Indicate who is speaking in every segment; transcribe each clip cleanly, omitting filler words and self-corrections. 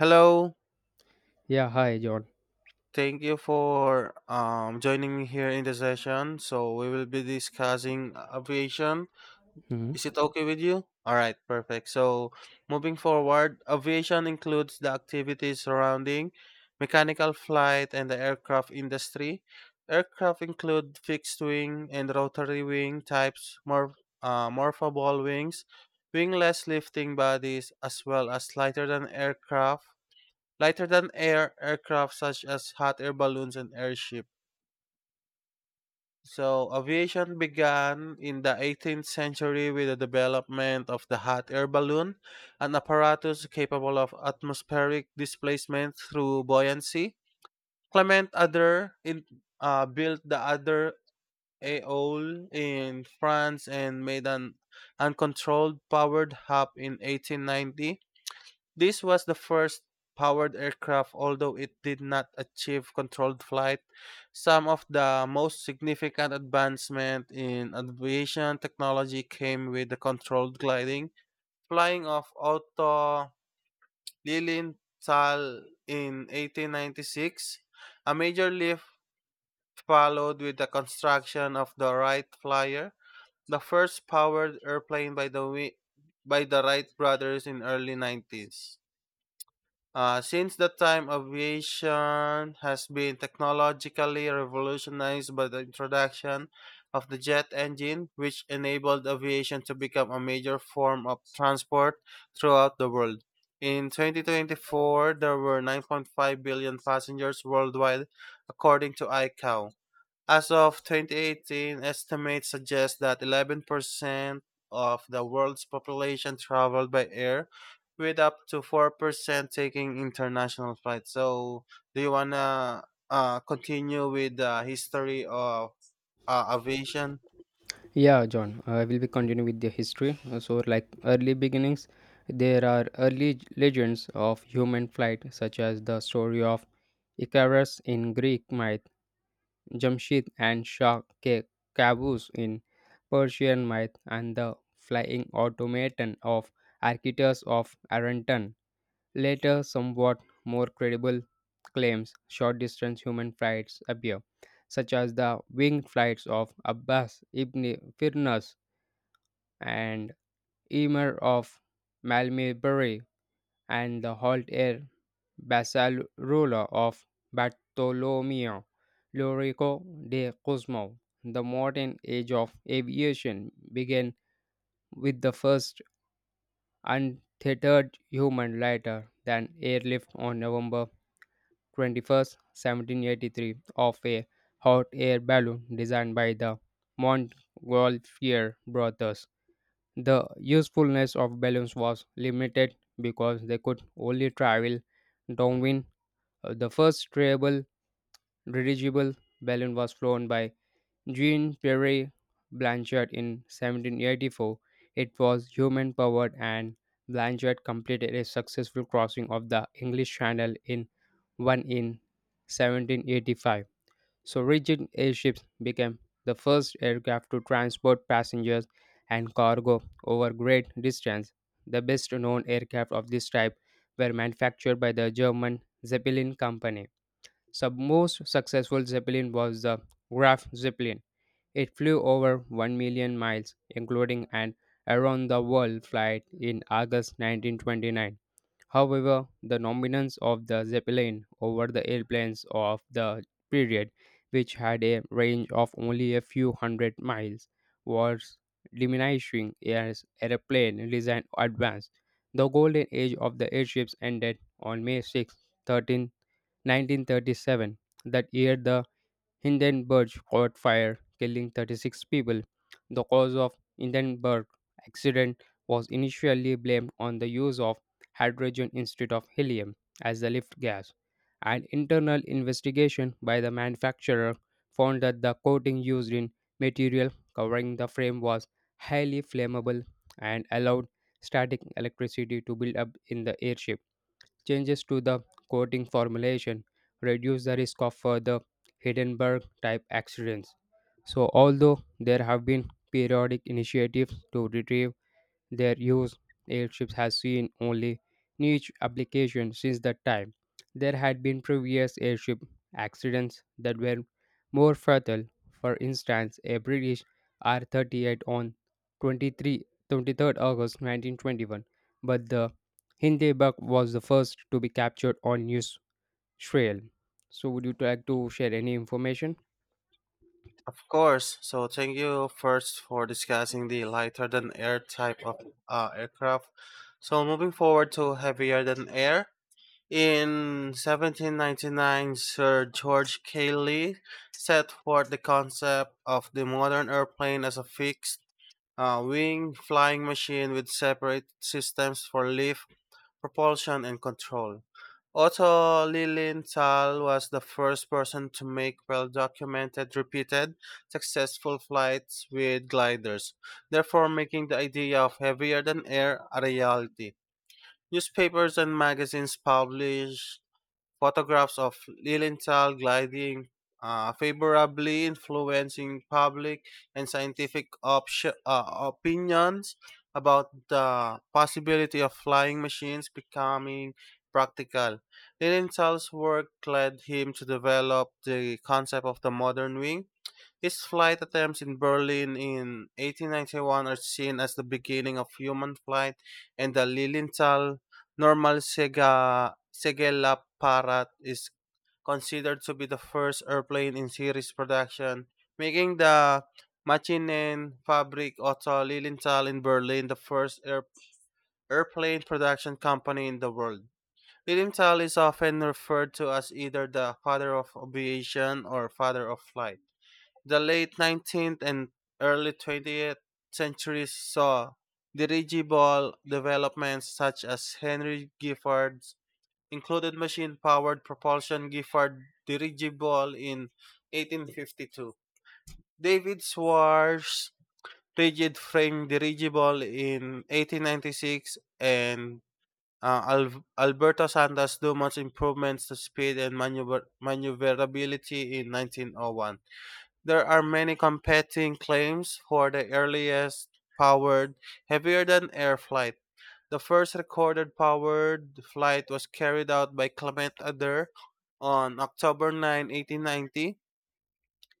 Speaker 1: Hello,
Speaker 2: Yeah, hi John.
Speaker 1: thank you for joining me here in the session. So we will be discussing aviation.
Speaker 2: Hmm.
Speaker 1: Is it okay with you? All right, perfect. So moving forward, aviation includes the activities surrounding mechanical flight and the aircraft industry. Aircraft include fixed wing and rotary wing types, morphable wings, wingless lifting bodies, as well as lighter than air aircraft such as hot air balloons and airships. So, aviation began in the 18th century with the development of the hot air balloon, an apparatus capable of atmospheric displacement through buoyancy. Clement Adder in, Built the Adder Aole in France and made an uncontrolled powered hop in 1890. This was the first powered aircraft, although it did not achieve controlled flight. Some of the most significant advancement in aviation technology came with the controlled gliding. Flying of Otto Lilienthal in 1896, a major leap followed with the construction of the Wright Flyer, the first powered airplane by by the Wright brothers in early 90s. Since that time, aviation has been technologically revolutionized by the introduction of the jet engine, which enabled aviation to become a major form of transport throughout the world. In 2024, there were 9.5 billion passengers worldwide, according to ICAO. As of 2018, estimates suggest that 11% of the world's population traveled by air, with up to 4% taking international flights. So, do you want to continue with the history of aviation?
Speaker 2: Yeah, John, I will be continue with the history. So, like early beginnings, there are early legends of human flight, such as the story of Icarus in Greek myth, Jamshid and Shah Ke- Qaboos in Persian myth, and the flying automaton of Archytas of Aranton. Later, somewhat more credible claims, short distance human flights appear, such as the winged flights of Abbas ibn Firnas and Emir of Malmibari and the halt air Basarulla of Bartolomeo Lorico de Cosmo. The modern age of aviation began with the first untethered human lighter than airlift on November 21st, 1783, of a hot air balloon designed by the Montgolfier brothers. The usefulness of balloons was limited because they could only travel downwind. The first stable dirigible balloon was flown by Jean Pierre Blanchard in 1784. It was human powered, and Blanchard completed a successful crossing of the English Channel in one in 1785. So, rigid airships became the first aircraft to transport passengers and cargo over great distance. The best known aircraft of this type were manufactured by the German Zeppelin Company. So, most successful Zeppelin was the Graf Zeppelin, it flew over 1 million miles, including an around the world flight in August 1929. However, the dominance of the Zeppelin over the airplanes of the period, which had a range of only a few hundred miles, was diminishing as airplane design advanced. The golden age of the airships ended on May 6, 13, 1937. That year, the Hindenburg caught fire, killing 36 people. The cause of Hindenburg accident was initially blamed on the use of hydrogen instead of helium as the lift gas. An internal investigation by the manufacturer found that the coating used in material covering the frame was highly flammable and allowed static electricity to build up in the airship. Changes to the coating formulation reduce the risk of further Hindenburg type accidents. So, although there have been periodic initiatives to retrieve their use, airships has seen only niche application since that time. There had been previous airship accidents that were more fatal. For instance, a British R-38 on 23, 23rd August 1921, but the Hindenburg was the first to be captured on news trail. So, would you like to share any information?
Speaker 1: Of course. So, thank you first for discussing the lighter than air type of aircraft. So, moving forward to heavier than air. In 1799, Sir George Cayley set forth the concept of the modern airplane as a fixed wing flying machine with separate systems for lift, propulsion, and control. Otto Lilienthal was the first person to make well documented, repeated, successful flights with gliders, therefore, making the idea of heavier than air a reality. Newspapers and magazines published photographs of Lilienthal gliding, favorably influencing public and scientific opinions about the possibility of flying machines becoming practical. Lilienthal's work led him to develop the concept of the modern wing. His flight attempts in Berlin in 1891 are seen as the beginning of human flight, and the Lilienthal normal Segelapparat is considered to be the first airplane in series production, making the Machinen Fabrik Otto Lilienthal in Berlin the airplane production company in the world. Lilienthal is often referred to as either the father of aviation or father of flight. The late 19th and early 20th centuries saw dirigible developments such as Henry Gifford's included machine-powered propulsion Gifford dirigible in 1852, David Swartz rigid frame dirigible in 1896, and Alberto Santos Dumont's improvements to speed and maneuverability in 1901. There are many competing claims for the earliest powered, heavier than air flight. The first recorded powered flight was carried out by Clement Adair on October 9, 1890,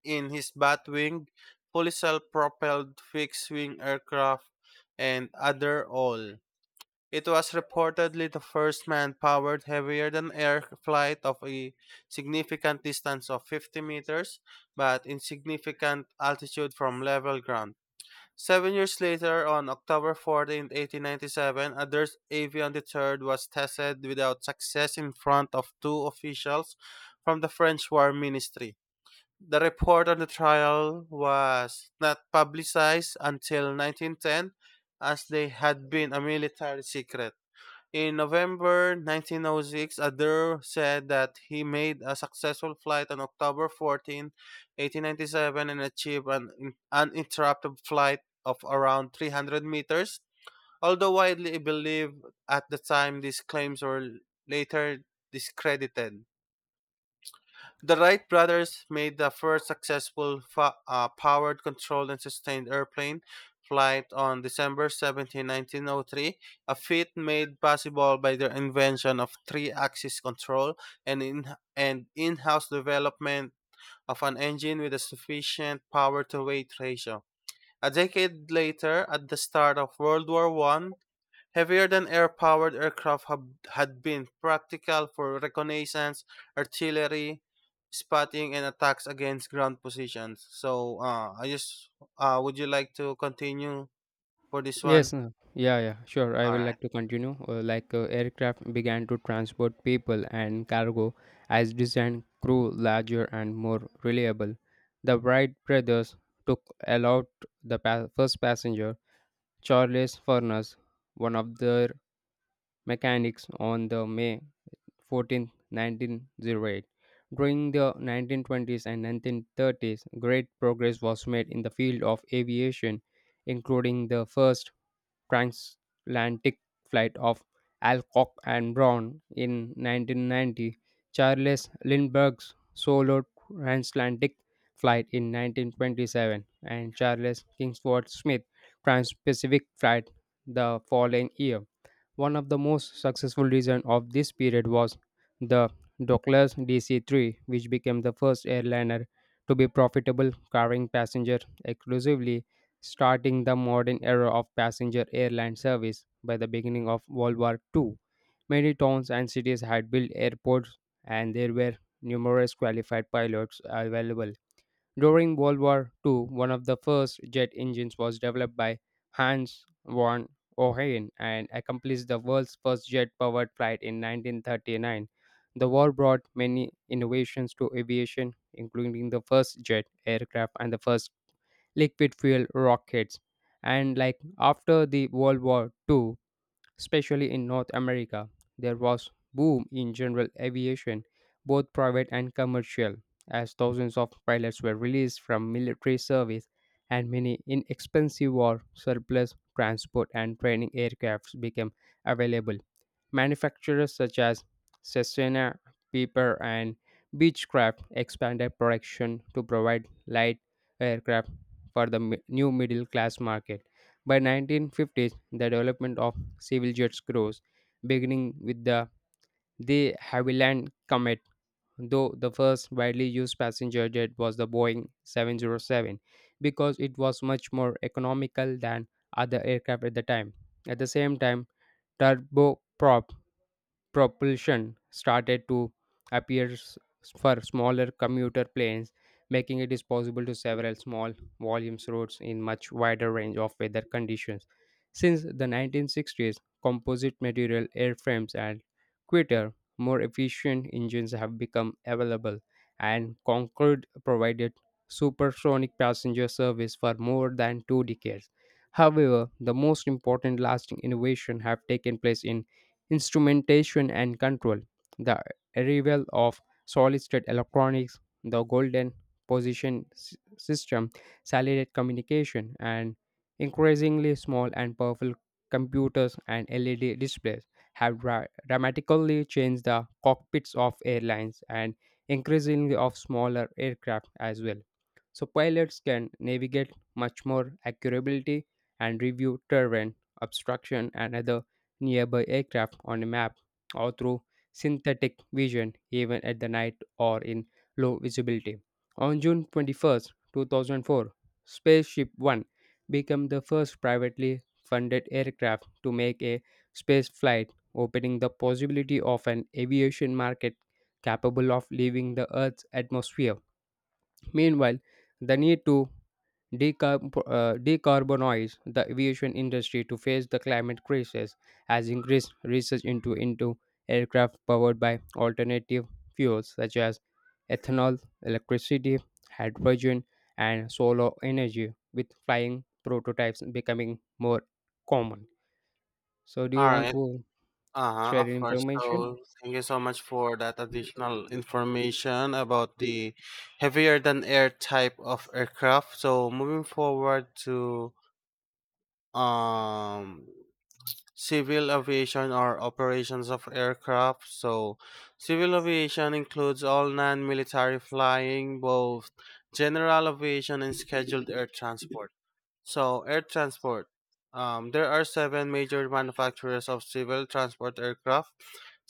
Speaker 1: in his Batwing, fully self propelled fixed wing aircraft, and Adair All. It was reportedly the first man-powered heavier-than-air flight of a significant distance of 50 meters, but insignificant altitude from level ground. 7 years later, on October 14, 1897, a another avion deterrent was tested without success in front of two officials from the French War Ministry. The report on the trial was not publicized until 1910, as they had been a military secret. In November 1906, Adair said that he made a successful flight on October 14, 1897, and achieved an uninterrupted flight of around 300 meters. Although widely believed at the time, these claims were later discredited. The Wright brothers made the first successful powered, controlled, and sustained airplane flight on December 17, 1903, a feat made possible by their invention of three-axis control and, and in-house development of an engine with a sufficient power-to-weight ratio. A decade later, at the start of World War I, heavier-than-air-powered had been practical for reconnaissance, artillery, spotting, and attacks against ground positions. So, I just would you like to continue for this
Speaker 2: Yes,
Speaker 1: one?
Speaker 2: yeah, yeah, sure. I
Speaker 1: All
Speaker 2: will
Speaker 1: right.
Speaker 2: like to continue. Like aircraft began to transport people and cargo as design grew larger and more reliable. The Wright brothers took aloud the first passenger, Charles Furness, one of their mechanics, on the May 14th nineteen 1908. During the 1920s and 1930s, great progress was made in the field of aviation, including the first transatlantic flight of Alcock and Brown in 1990, Charles Lindbergh's solo transatlantic flight in 1927, and Charles Kingsford Smith's trans-Pacific flight the following year. One of the most successful reasons of this period was the Douglas DC-3, which became the first airliner to be profitable, carrying passenger exclusively, starting the modern era of passenger airline service. By the beginning of World War II, many towns and cities had built airports, and there were numerous qualified pilots available. During World War II, one of the first jet engines was developed by Hans von Ohain and accomplished the world's first jet powered flight in 1939. The war brought many innovations to aviation, including the first jet aircraft and the first liquid fuel rockets. And like after the World War II, especially in North America, there was boom in general aviation, both private and commercial, as thousands of pilots were released from military service and many inexpensive or surplus transport and training aircrafts became available. Manufacturers such as Cesena, Piper, and Beechcraft expanded production to provide light aircraft for the new middle class market. By 1950s, the development of civil jets grows, beginning with the de Havilland Comet, though the first widely used passenger jet was the Boeing 707 because it was much more economical than other aircraft at the time. At the same time, turboprop propulsion started to appear for smaller commuter planes, making it is possible to several small volumes routes in much wider range of weather conditions. Since the 1960s, composite material airframes and quicker, more efficient engines have become available, and Concorde provided supersonic passenger service for more than two decades. However, the most important lasting innovation have taken place in instrumentation and control, the arrival of solid state electronics, the golden position system, satellite communication, and increasingly small and powerful computers and LED displays have dramatically changed the cockpits of airlines and increasingly of smaller aircraft as well. So pilots can navigate much more accurately and review terrain, obstruction, and other nearby aircraft on a map or through synthetic vision, even at the night or in low visibility. On June 21st, 2004, Spaceship One became the first privately funded aircraft to make a space flight, opening the possibility of an aviation market capable of leaving the Earth's atmosphere. Meanwhile, the need to decarbonize the aviation industry to face the climate crisis has increased research into aircraft powered by alternative fuels such as ethanol, electricity, hydrogen, and solar energy, with flying prototypes becoming more common. So, do you
Speaker 1: All
Speaker 2: want
Speaker 1: right.
Speaker 2: to
Speaker 1: Uh huh.
Speaker 2: share
Speaker 1: Of course.
Speaker 2: information?
Speaker 1: So, thank you so much for that additional information about the heavier than air type of aircraft. So, moving forward to um civil aviation are operations of aircraft. So, civil aviation includes all non military flying, both general aviation and scheduled air transport. So, air transport. There are seven major manufacturers of civil transport aircraft: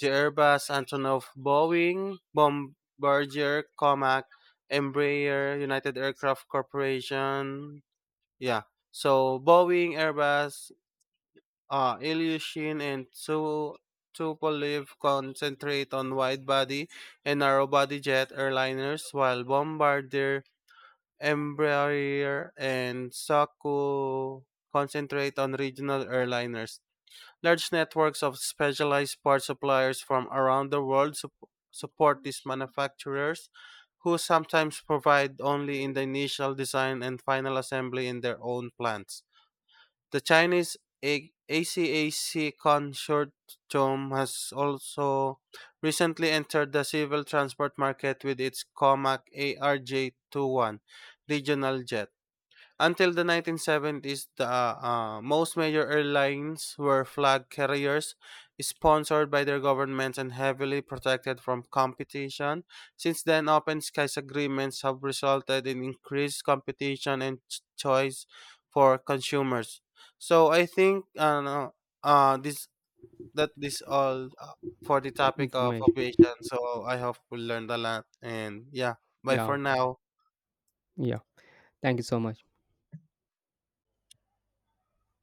Speaker 1: the Airbus, Antonov, Boeing, Bombardier, Comac, Embraer, United Aircraft Corporation. Yeah. So Boeing, Airbus, Ilyushin and Tupolev concentrate on wide-body and narrow-body jet airliners while Bombardier, Embraer, and Saku concentrate on regional airliners. Large networks of specialized part suppliers from around the world support these manufacturers, who sometimes provide only in the initial design and final assembly in their own plants. The Chinese ACAC consortium has also recently entered the civil transport market with its COMAC ARJ21 regional jet. Until the 1970s, the most major airlines were flag carriers, sponsored by their governments and heavily protected from competition. Since then, open skies agreements have resulted in increased competition and choice for consumers. So I think no, this that this all for the topic of
Speaker 2: Information,
Speaker 1: aviation. So I hope we learned a lot. And yeah, bye
Speaker 2: yeah.
Speaker 1: for now.
Speaker 2: Yeah, thank you so much.